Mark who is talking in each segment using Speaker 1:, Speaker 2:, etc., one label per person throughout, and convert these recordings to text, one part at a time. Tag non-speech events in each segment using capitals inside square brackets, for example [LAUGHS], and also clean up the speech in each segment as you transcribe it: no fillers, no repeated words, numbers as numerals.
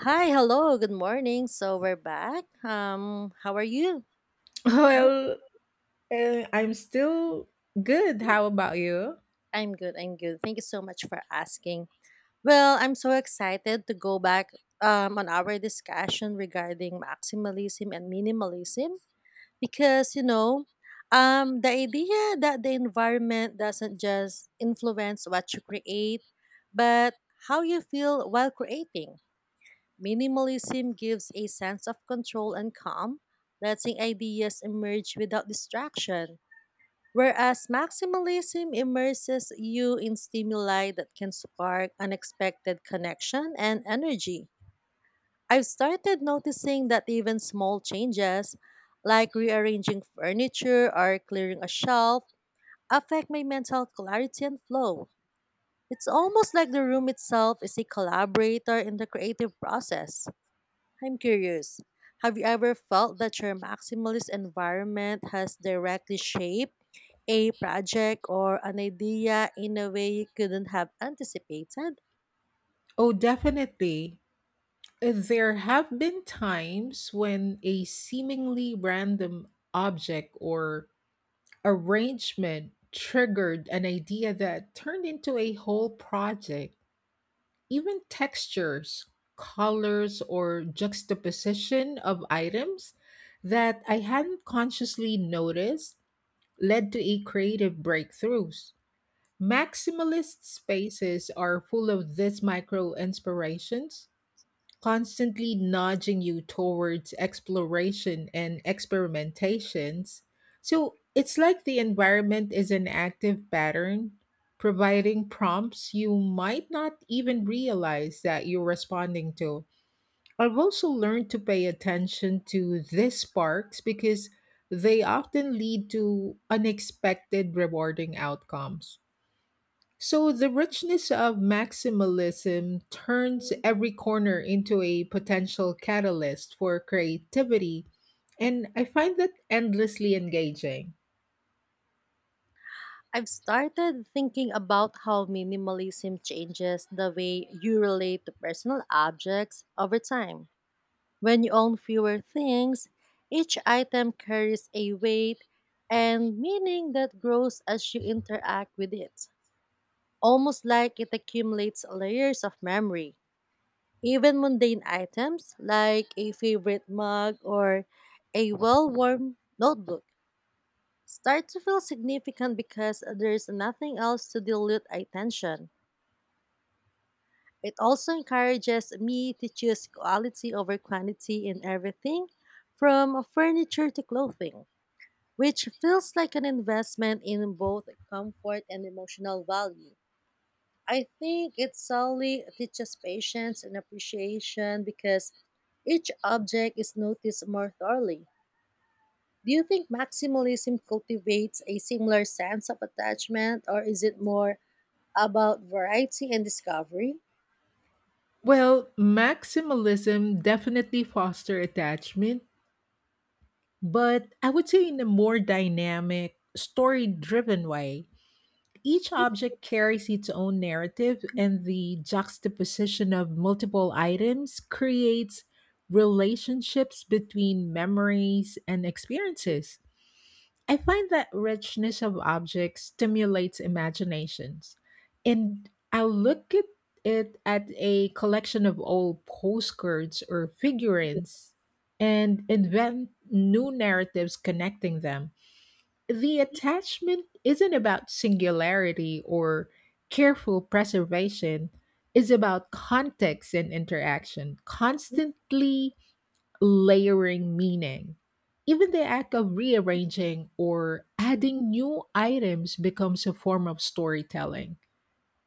Speaker 1: Hi, hello, good morning. So we're back. How are you?
Speaker 2: [LAUGHS]
Speaker 1: Yeah.
Speaker 2: Well, I'm still good. How about you?
Speaker 1: I'm good. I'm good. Thank you so much for asking. Well, I'm so excited to go back on our discussion regarding maximalism and minimalism because, you know, the idea that the environment doesn't just influence what you create, but how you feel while creating. Minimalism gives a sense of control and calm, letting ideas emerge without distraction, whereas maximalism immerses you in stimuli that can spark unexpected connection and energy. I've started noticing that even small changes, like rearranging furniture or clearing a shelf, affect my mental clarity and flow. It's almost like the room itself is a collaborator in the creative process. I'm curious. Have you ever felt that your maximalist environment has directly shaped a project or an idea in a way you couldn't have anticipated?
Speaker 2: Oh, definitely. There have been times when a seemingly random object or arrangement triggered an idea that turned into a whole project. Even textures, colors, or juxtaposition of items that I hadn't consciously noticed led to a creative breakthroughs. Maximalist spaces are full of these micro inspirations, constantly nudging you towards exploration and experimentations. So it's like the environment is an active pattern, providing prompts you might not even realize that you're responding to. I've also learned to pay attention to these sparks because they often lead to unexpected rewarding outcomes. So the richness of maximalism turns every corner into a potential catalyst for creativity, and I find that endlessly engaging.
Speaker 1: I've started thinking about how minimalism changes the way you relate to personal objects over time. When you own fewer things, each item carries a weight and meaning that grows as you interact with it, almost like it accumulates layers of memory. Even mundane items like a favorite mug or a well worn notebook start to feel significant because there's nothing else to dilute attention. It also encourages me to choose quality over quantity in everything from furniture to clothing, which feels like an investment in both comfort and emotional value. I think it solely teaches patience and appreciation because each object is noticed more thoroughly. Do you think maximalism cultivates a similar sense of attachment, or is it more about variety and discovery?
Speaker 2: Well, maximalism definitely foster attachment, but I would say in a more dynamic, story-driven way. Each object carries its own narrative, and the juxtaposition of multiple items creates relationships between memories and experiences. I find that richness of objects stimulates imaginations. And I look at it at a collection of old postcards or figurines and invent new narratives connecting them. The attachment isn't about singularity or careful preservation. It's about context and interaction, constantly layering meaning. Even the act of rearranging or adding new items becomes a form of storytelling.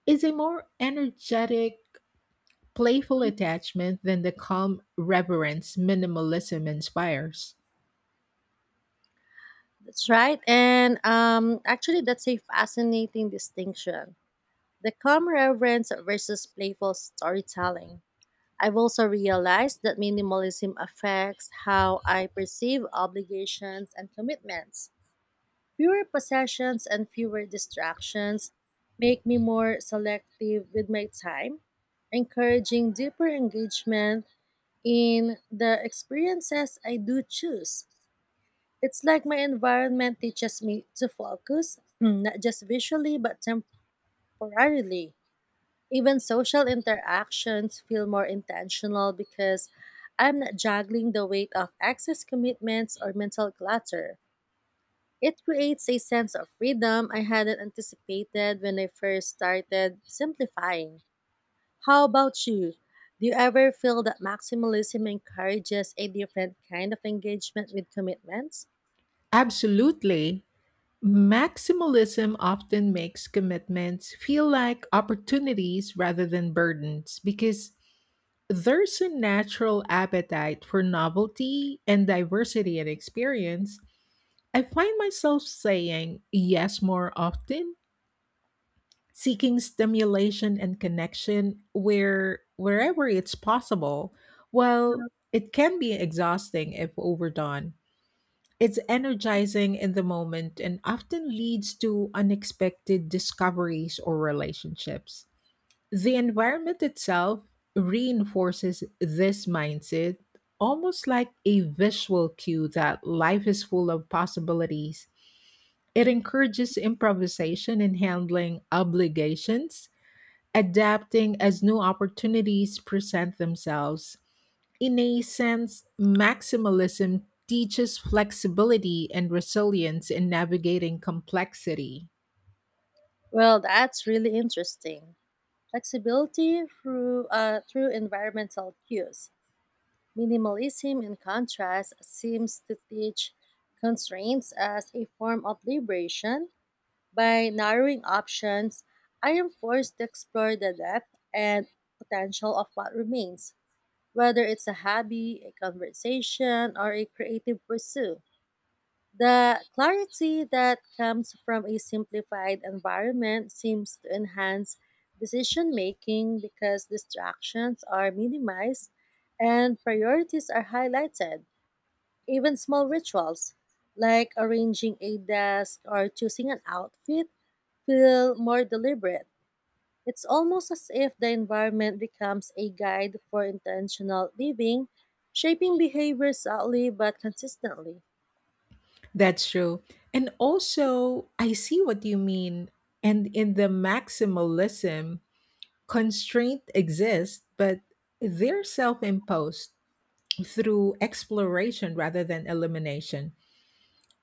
Speaker 2: It's a more energetic, playful attachment than the calm reverence minimalism inspires.
Speaker 1: That's right. And actually, that's a fascinating distinction, the calm reverence versus playful storytelling. I've also realized that minimalism affects how I perceive obligations and commitments. Fewer possessions and fewer distractions make me more selective with my time, encouraging deeper engagement in the experiences I do choose. It's like my environment teaches me to focus, [CLEARS THROAT] not just visually but temporarily. Even social interactions feel more intentional because I'm not juggling the weight of excess commitments or mental clutter. It creates a sense of freedom I hadn't anticipated when I first started simplifying. How about you? Do you ever feel that maximalism encourages a different kind of engagement with commitments?
Speaker 2: Absolutely, maximalism often makes commitments feel like opportunities rather than burdens because there's a natural appetite for novelty and diversity in experience. I find myself saying yes more often, seeking stimulation and connection wherever it's possible, while it can be exhausting if overdone. It's energizing in the moment and often leads to unexpected discoveries or relationships. The environment itself reinforces this mindset, almost like a visual cue that life is full of possibilities. It encourages improvisation in handling obligations, adapting as new opportunities present themselves. In a sense, maximalism teaches flexibility and resilience in navigating complexity.
Speaker 1: Well, that's really interesting. Flexibility through environmental cues. Minimalism, in contrast, seems to teach constraints as a form of liberation. By narrowing options, I am forced to explore the depth and potential of what remains, whether it's a hobby, a conversation, or a creative pursuit. The clarity that comes from a simplified environment seems to enhance decision making because distractions are minimized and priorities are highlighted. Even small rituals, like arranging a desk or choosing an outfit, feel more deliberate. It's almost as if the environment becomes a guide for intentional living, shaping behavior subtly but consistently.
Speaker 2: That's true. And also, I see what you mean. And in the maximalism, constraint exists, but they're self imposed through exploration rather than elimination.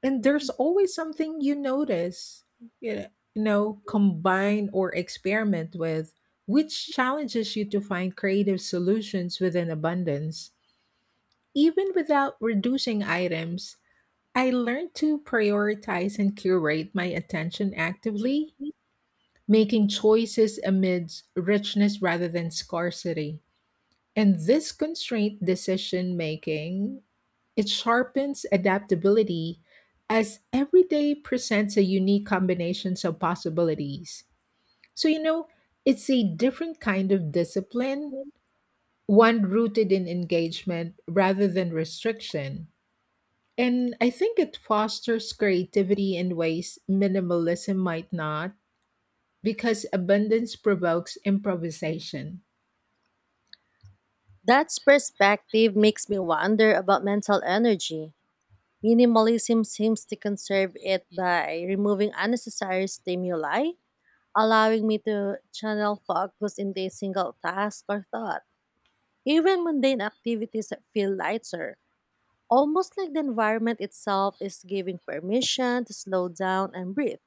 Speaker 2: And there's always something you notice, you know combine or experiment with, which challenges you to find creative solutions within abundance. Even without reducing items, I learned to prioritize and curate my attention actively, making choices amidst richness rather than scarcity. And this constraint decision making, it sharpens adaptability, as every day presents a unique combinations of possibilities. So it's a different kind of discipline, one rooted in engagement rather than restriction. And I think it fosters creativity in ways minimalism might not because abundance provokes improvisation.
Speaker 1: That perspective makes me wonder about mental energy. Minimalism seems to conserve it by removing unnecessary stimuli, allowing me to channel focus into a single task or thought. Even mundane activities feel lighter, almost like the environment itself is giving permission to slow down and breathe.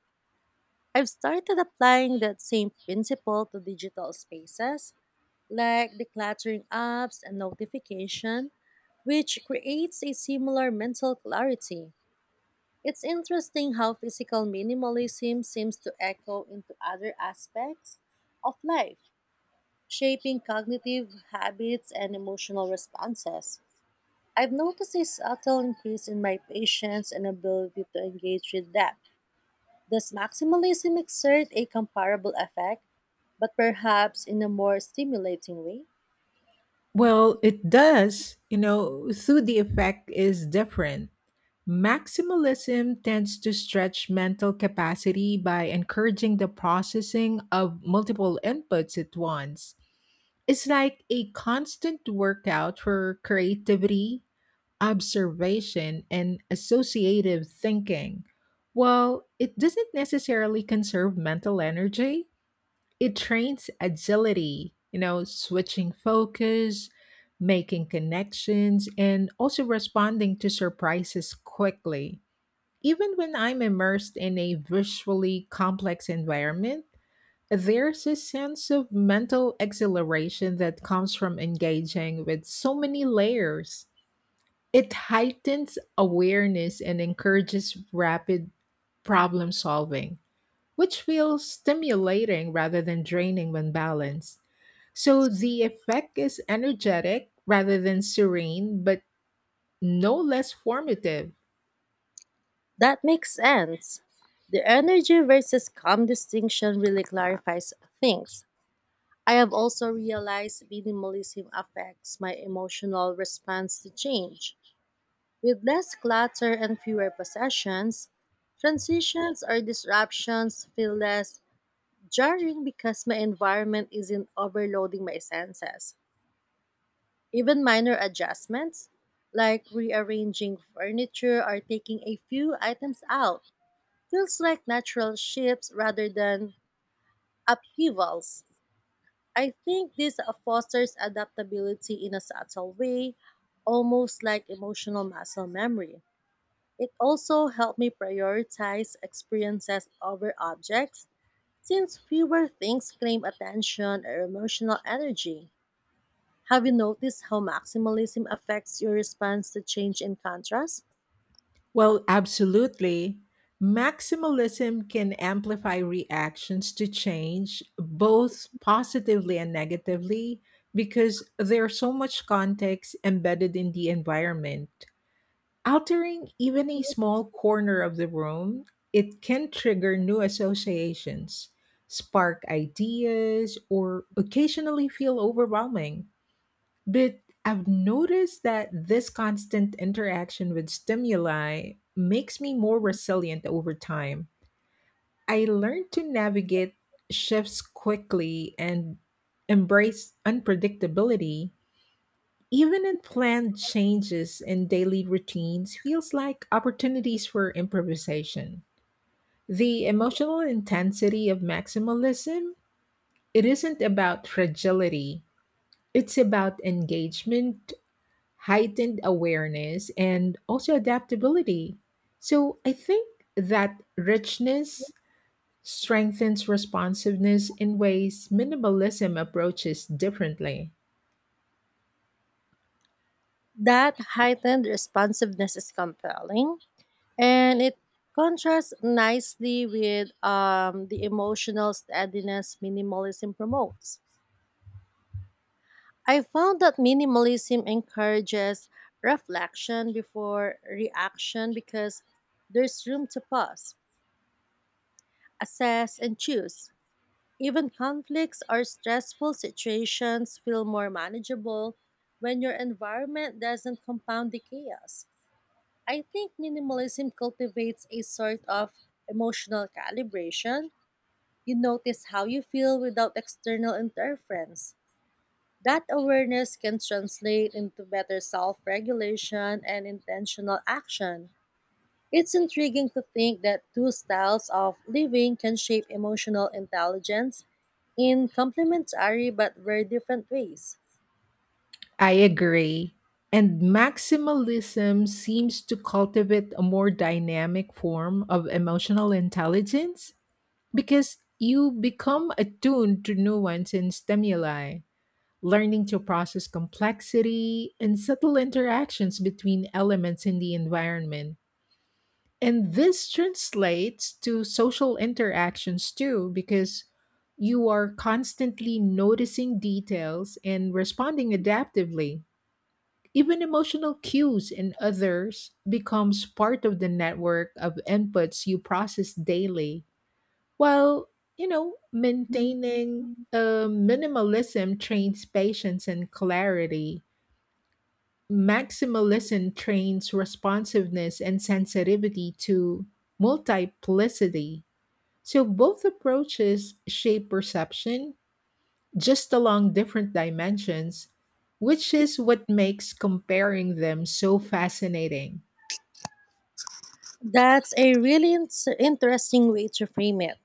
Speaker 1: I've started applying that same principle to digital spaces like decluttering apps and notification, which creates a similar mental clarity. It's interesting how physical minimalism seems to echo into other aspects of life, shaping cognitive habits and emotional responses. I've noticed a subtle increase in my patience and ability to engage with depth. Does maximalism exert a comparable effect, but perhaps in a more stimulating way?
Speaker 2: Well, it does. You know, through the effect is different. Maximalism tends to stretch mental capacity by encouraging the processing of multiple inputs at once. It's like a constant workout for creativity, observation, and associative thinking. While it doesn't necessarily conserve mental energy, it trains agility, switching focus, making connections, and also responding to surprises quickly. Even when I'm immersed in a visually complex environment, there's a sense of mental exhilaration that comes from engaging with so many layers. It heightens awareness and encourages rapid problem solving, which feels stimulating rather than draining when balanced. So the effect is energetic rather than serene, but no less formative.
Speaker 1: That makes sense. The energy versus calm distinction really clarifies things. I have also realized minimalism affects my emotional response to change. With less clutter and fewer possessions, transitions or disruptions feel less jarring because my environment isn't overloading my senses. Even minor adjustments, like rearranging furniture or taking a few items out, feels like natural shifts rather than upheavals. I think this fosters adaptability in a subtle way, almost like emotional muscle memory. It also helped me prioritize experiences over objects since fewer things claim attention or emotional energy. Have you noticed how maximalism affects your response to change and contrast?
Speaker 2: Well, absolutely. Maximalism can amplify reactions to change, both positively and negatively, because there's so much context embedded in the environment. Altering even a small corner of the room, it can trigger new associations, spark ideas, or occasionally feel overwhelming. But I've noticed that this constant interaction with stimuli makes me more resilient over time. I learned to navigate shifts quickly and embrace unpredictability. Even unplanned changes in daily routines feels like opportunities for improvisation. The emotional intensity of maximalism, it isn't about fragility. It's about engagement, heightened awareness, and also adaptability. So I think that richness strengthens responsiveness in ways minimalism approaches differently.
Speaker 1: That heightened responsiveness is compelling, and it contrasts nicely with the emotional steadiness minimalism promotes. I found that minimalism encourages reflection before reaction because there's room to pause, assess, and choose. Even conflicts or stressful situations feel more manageable when your environment doesn't compound the chaos. I think minimalism cultivates a sort of emotional calibration. You notice how you feel without external interference. That awareness can translate into better self regulation and intentional action. It's intriguing to think that two styles of living can shape emotional intelligence in complementary but very different ways.
Speaker 2: I agree. And maximalism seems to cultivate a more dynamic form of emotional intelligence because you become attuned to nuance and stimuli, learning to process complexity and subtle interactions between elements in the environment. And this translates to social interactions too, because you are constantly noticing details and responding adaptively. Even emotional cues in others becomes part of the network of inputs you process daily. While, maintaining a minimalism trains patience and clarity. Maximalism trains responsiveness and sensitivity to multiplicity. So both approaches shape perception, just along different dimensions, which is what makes comparing them so fascinating.
Speaker 1: That's a really in- interesting way to frame it.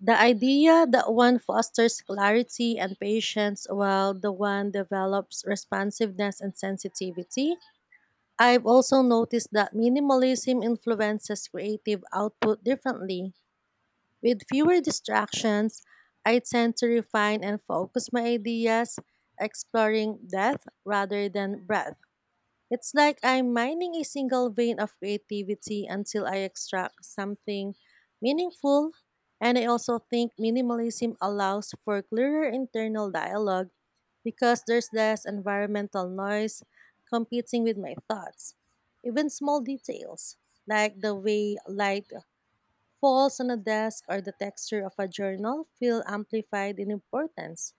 Speaker 1: The idea that one fosters clarity and patience while the one develops responsiveness and sensitivity. I've also noticed that minimalism influences creative output differently. With fewer distractions, I tend to refine and focus my ideas, exploring depth rather than breadth. It's like I'm mining a single vein of creativity until I extract something meaningful. And I also think minimalism allows for clearer internal dialogue because there's less environmental noise competing with my thoughts. Even small details, like the way light falls on a desk or the texture of a journal, feel amplified in importance.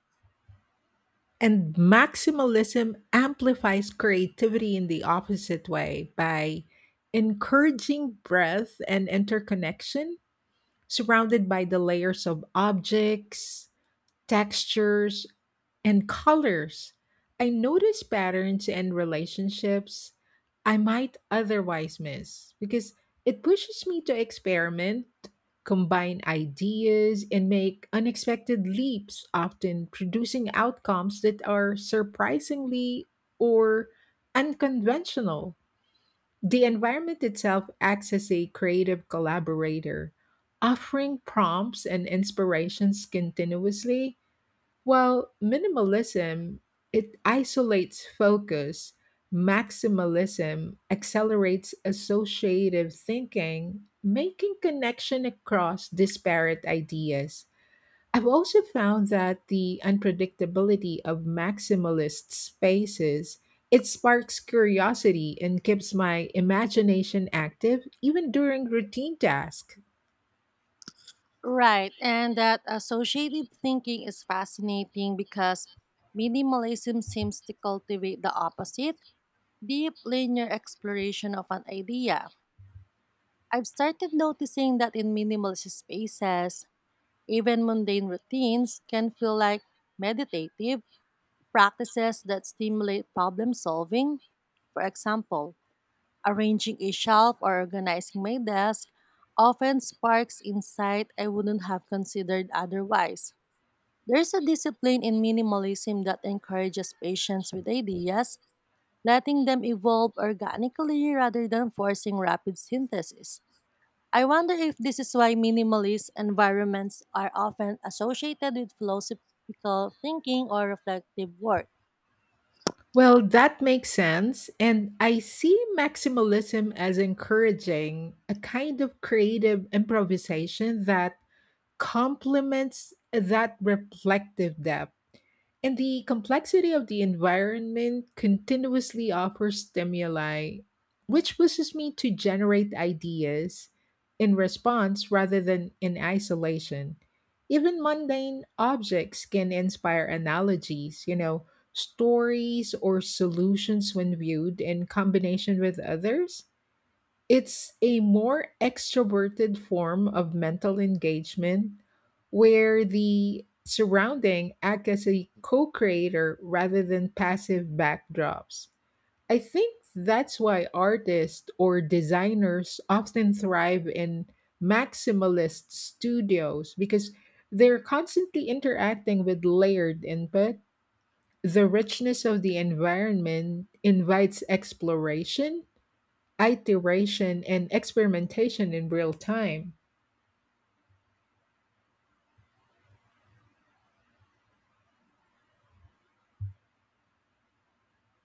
Speaker 2: And maximalism amplifies creativity in the opposite way by encouraging breadth and interconnection, surrounded by the layers of objects, textures, and colors. I notice patterns and relationships I might otherwise miss because it pushes me to experiment, combine ideas, and make unexpected leaps, often producing outcomes that are surprisingly or unconventional. The environment itself acts as a creative collaborator, offering prompts and inspirations continuously. Well, minimalism, it isolates focus. Maximalism accelerates associative thinking, making connection across disparate ideas. I've also found that the unpredictability of maximalist spaces, it sparks curiosity and keeps my imagination active even during routine tasks.
Speaker 1: Right, and that associative thinking is fascinating because minimalism seems to cultivate the opposite, deep linear exploration of an idea. I've started noticing that in minimalist spaces, even mundane routines can feel like meditative practices that stimulate problem solving. For example, arranging a shelf or organizing my desk often sparks insight I wouldn't have considered otherwise. There's a discipline in minimalism that encourages patience with ideas, letting them evolve organically rather than forcing rapid synthesis. I wonder if this is why minimalist environments are often associated with philosophical thinking or reflective work.
Speaker 2: Well, that makes sense. And I see maximalism as encouraging a kind of creative improvisation that complements that reflective depth. And the complexity of the environment continuously offers stimuli, which pushes me to generate ideas in response rather than in isolation. Even mundane objects can inspire analogies, stories or solutions when viewed in combination with others. It's a more extroverted form of mental engagement where the surrounding act as a co creator rather than passive backdrops. I think that's why artists or designers often thrive in maximalist studios because they're constantly interacting with layered input. The richness of the environment invites exploration, iteration and experimentation in real time.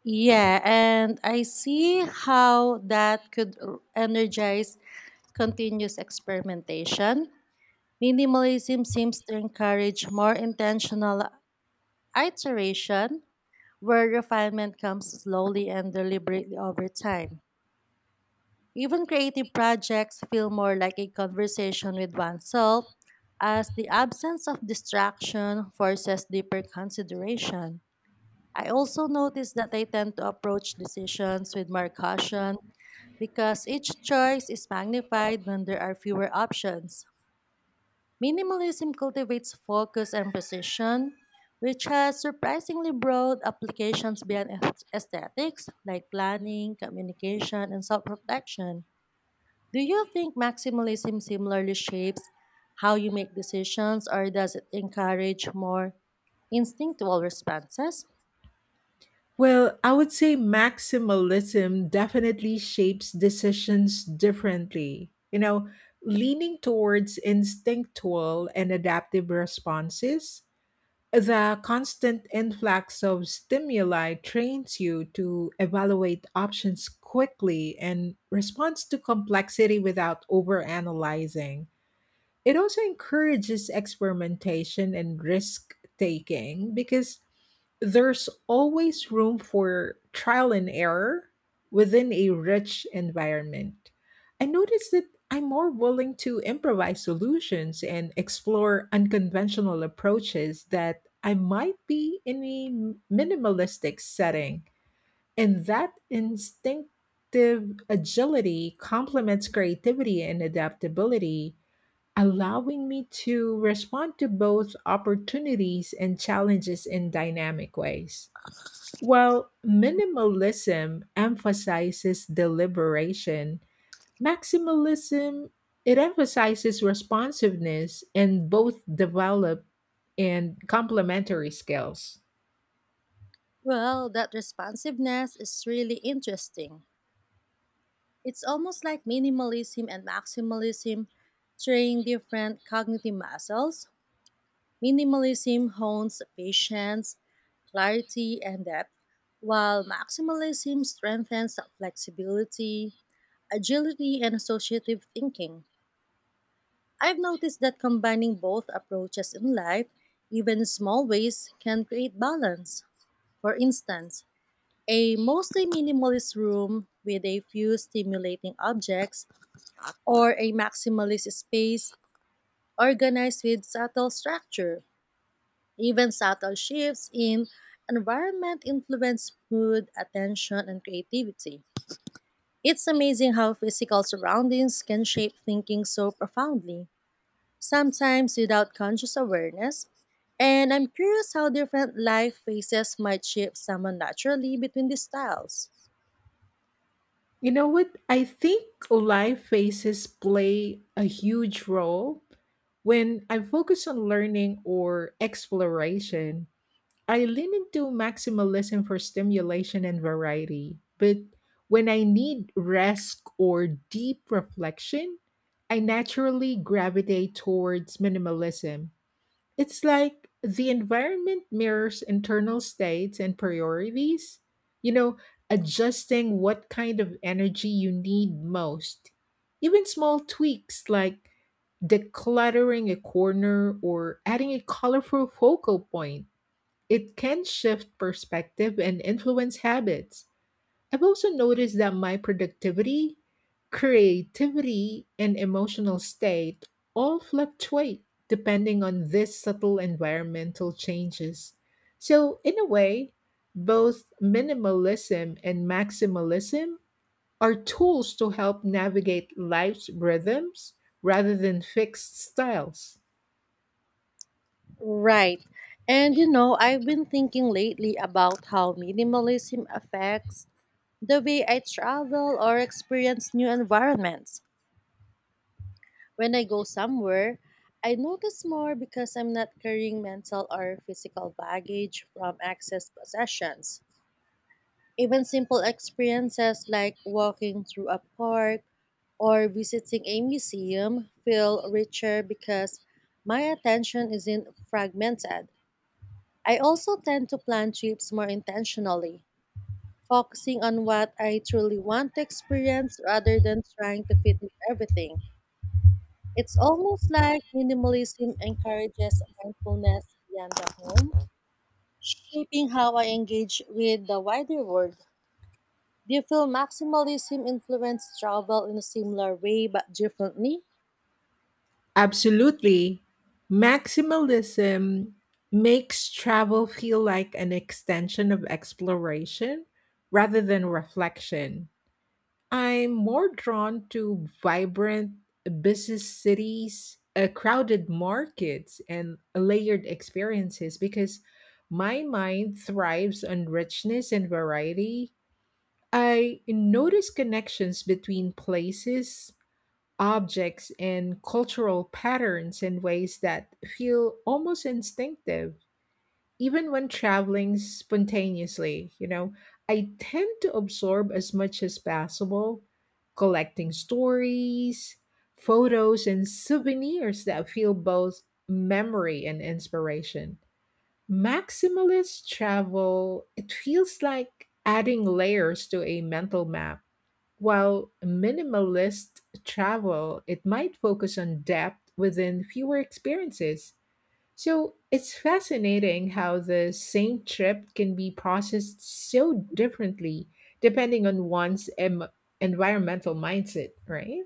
Speaker 1: Yeah, and I see how that could energize continuous experimentation. Minimalism seems to encourage more intentional iteration, where refinement comes slowly and deliberately over time. Even creative projects feel more like a conversation with oneself, as the absence of distraction forces deeper consideration. I also notice that I tend to approach decisions with more caution because each choice is magnified when there are fewer options. Minimalism cultivates focus and precision, which has surprisingly broad applications beyond aesthetics, like planning, communication, and self reflection. Do you think maximalism similarly shapes how you make decisions, or does it encourage more instinctual responses?
Speaker 2: Well, I would say maximalism definitely shapes decisions differently. You know, leaning towards instinctual and adaptive responses, the constant influx of stimuli trains you to evaluate options quickly and responds to complexity without overanalyzing. It also encourages experimentation and risk taking because there's always room for trial and error within a rich environment. I noticed that I'm more willing to improvise solutions and explore unconventional approaches that I might be in a minimalistic setting. And that instinctive agility complements creativity and adaptability, allowing me to respond to both opportunities and challenges in dynamic ways. While minimalism emphasizes deliberation, maximalism, it emphasizes responsiveness, and both develop and complementary skills.
Speaker 1: Well, that responsiveness is really interesting. It's almost like minimalism and maximalism train different cognitive muscles. Minimalism hones patience, clarity, and depth, while maximalism strengthens flexibility, agility, and associative thinking. I've noticed that combining both approaches in life, even in small ways, can create balance. For instance, a mostly minimalist room with a few stimulating objects, or a maximalist space organized with subtle structure. Even subtle shifts in environment influence mood, attention, and creativity. It's amazing how physical surroundings can shape thinking so profoundly, sometimes without conscious awareness. And I'm curious how different life phases might shape someone naturally between these styles.
Speaker 2: You know what? I think life phases play a huge role. When I focus on learning or exploration, I lean into maximalism for stimulation and variety, but when I need rest or deep reflection, I naturally gravitate towards minimalism. It's like the environment mirrors internal states and priorities, you know, adjusting what kind of energy you need most. Even small tweaks like decluttering a corner or adding a colorful focal point, it can shift perspective and influence habits. I've also noticed that my productivity, creativity, and emotional state all fluctuate depending on these subtle environmental changes. So, in a way, both minimalism and maximalism are tools to help navigate life's rhythms rather than fixed styles.
Speaker 1: Right. And you know, I've been thinking lately about how minimalism affects the way I travel or experience new environments. When I go somewhere, I notice more because I'm not carrying mental or physical baggage from excess possessions. Even simple experiences like walking through a park or visiting a museum feel richer because my attention isn't fragmented. I also tend to plan trips more intentionally, focusing on what I truly want to experience rather than trying to fit in everything. It's almost like minimalism encourages mindfulness beyond the home, shaping how I engage with the wider world. Do you feel maximalism influenced travel in a similar way but differently?
Speaker 2: Absolutely. Maximalism makes travel feel like an extension of exploration rather than reflection. I'm more drawn to vibrant, busy cities, crowded markets, and layered experiences because my mind thrives on richness and variety. I notice connections between places, objects and cultural patterns in ways that feel almost instinctive. Even when traveling spontaneously, I tend to absorb as much as possible, collecting stories, photos, and souvenirs that feel both memory and inspiration. Maximalist travel, it feels like adding layers to a mental map, while minimalist travel, it might focus on depth within fewer experiences. So it's fascinating how the same trip can be processed so differently depending on one's environmental mindset, right?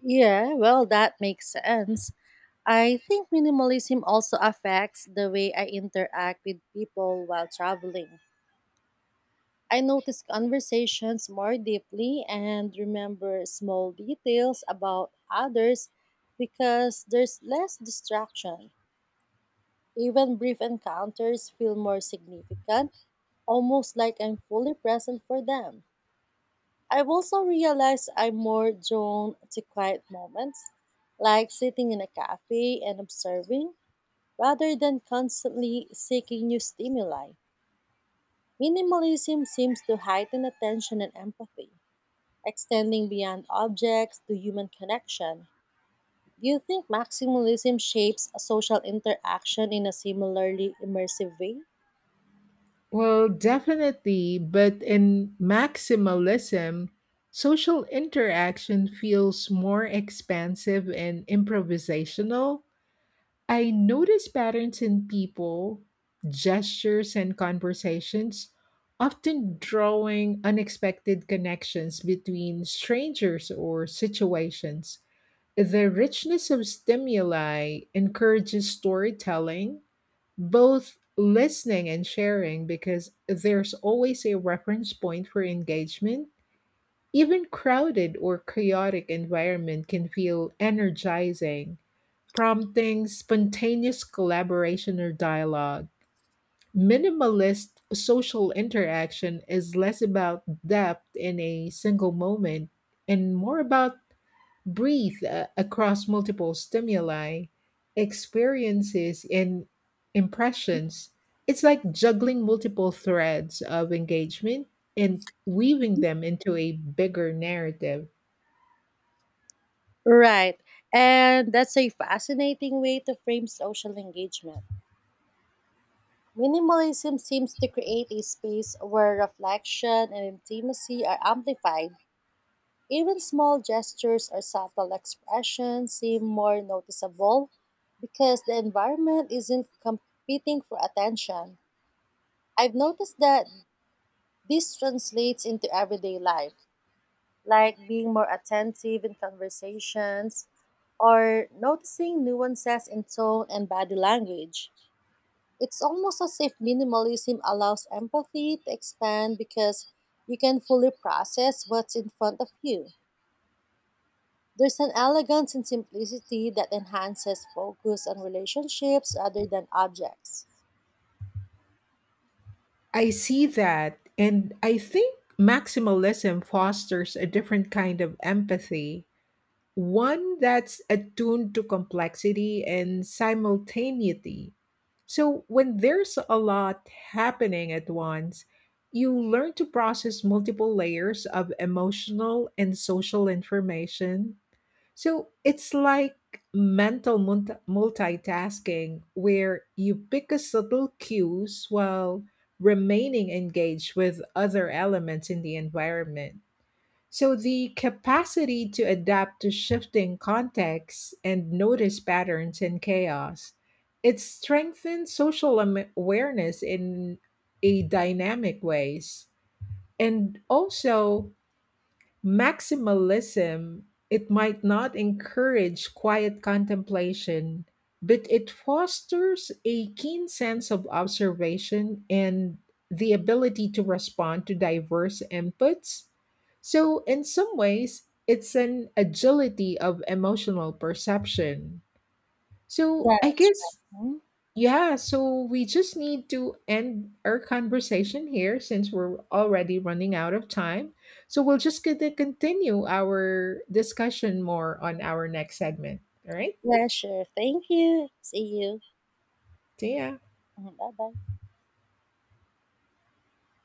Speaker 1: Yeah, well, that makes sense. I think minimalism also affects the way I interact with people while traveling. I notice conversations more deeply and remember small details about others because there's less distraction. Even brief encounters feel more significant, almost like I'm fully present for them. I've also realized I'm more drawn to quiet moments, like sitting in a cafe and observing, rather than constantly seeking new stimuli. Minimalism seems to heighten attention and empathy, extending beyond objects to human connection. Do you think maximalism shapes a social interaction in a similarly immersive way?
Speaker 2: Well, definitely, but in maximalism, social interaction feels more expansive and improvisational. I notice patterns in people, gestures, and conversations, often drawing unexpected connections between strangers or situations. The richness of stimuli encourages storytelling, both listening and sharing, because there's always a reference point for engagement. Even crowded or chaotic environment can feel energizing, prompting spontaneous collaboration or dialogue. Minimalist social interaction is less about depth in a single moment and more about breathe across multiple stimuli, experiences, and impressions. It's like juggling multiple threads of engagement and weaving them into a bigger narrative.
Speaker 1: Right. And that's a fascinating way to frame social engagement. Minimalism seems to create a space where reflection and intimacy are amplified. Even small gestures or subtle expressions seem more noticeable because the environment isn't competing for attention. I've noticed that this translates into everyday life, like being more attentive in conversations or noticing nuances in tone and body language. It's almost as if minimalism allows empathy to expand because you can fully process what's in front of you. There's an elegance in simplicity that enhances focus on relationships rather than objects.
Speaker 2: I see that, and I think maximalism fosters a different kind of empathy, one that's attuned to complexity and simultaneity. So, when there's a lot happening at once, you learn to process multiple layers of emotional and social information, so it's like mental multitasking where you pick a subtle cues while remaining engaged with other elements in the environment. So the capacity to adapt to shifting contexts and notice patterns in chaos, it strengthens social awareness in a dynamic ways. And also maximalism, it might not encourage quiet contemplation, but it fosters a keen sense of observation and the ability to respond to diverse inputs. So, in some ways, it's an agility of emotional perception. So,
Speaker 1: That,
Speaker 2: I guess,
Speaker 1: hmm?
Speaker 2: yeah, so we just need to end our conversation here since we're already running out of time. So we'll just get to continue our discussion more on our next segment. All right?
Speaker 1: Yeah, sure. Thank you. See you.
Speaker 2: See ya.
Speaker 1: Bye bye.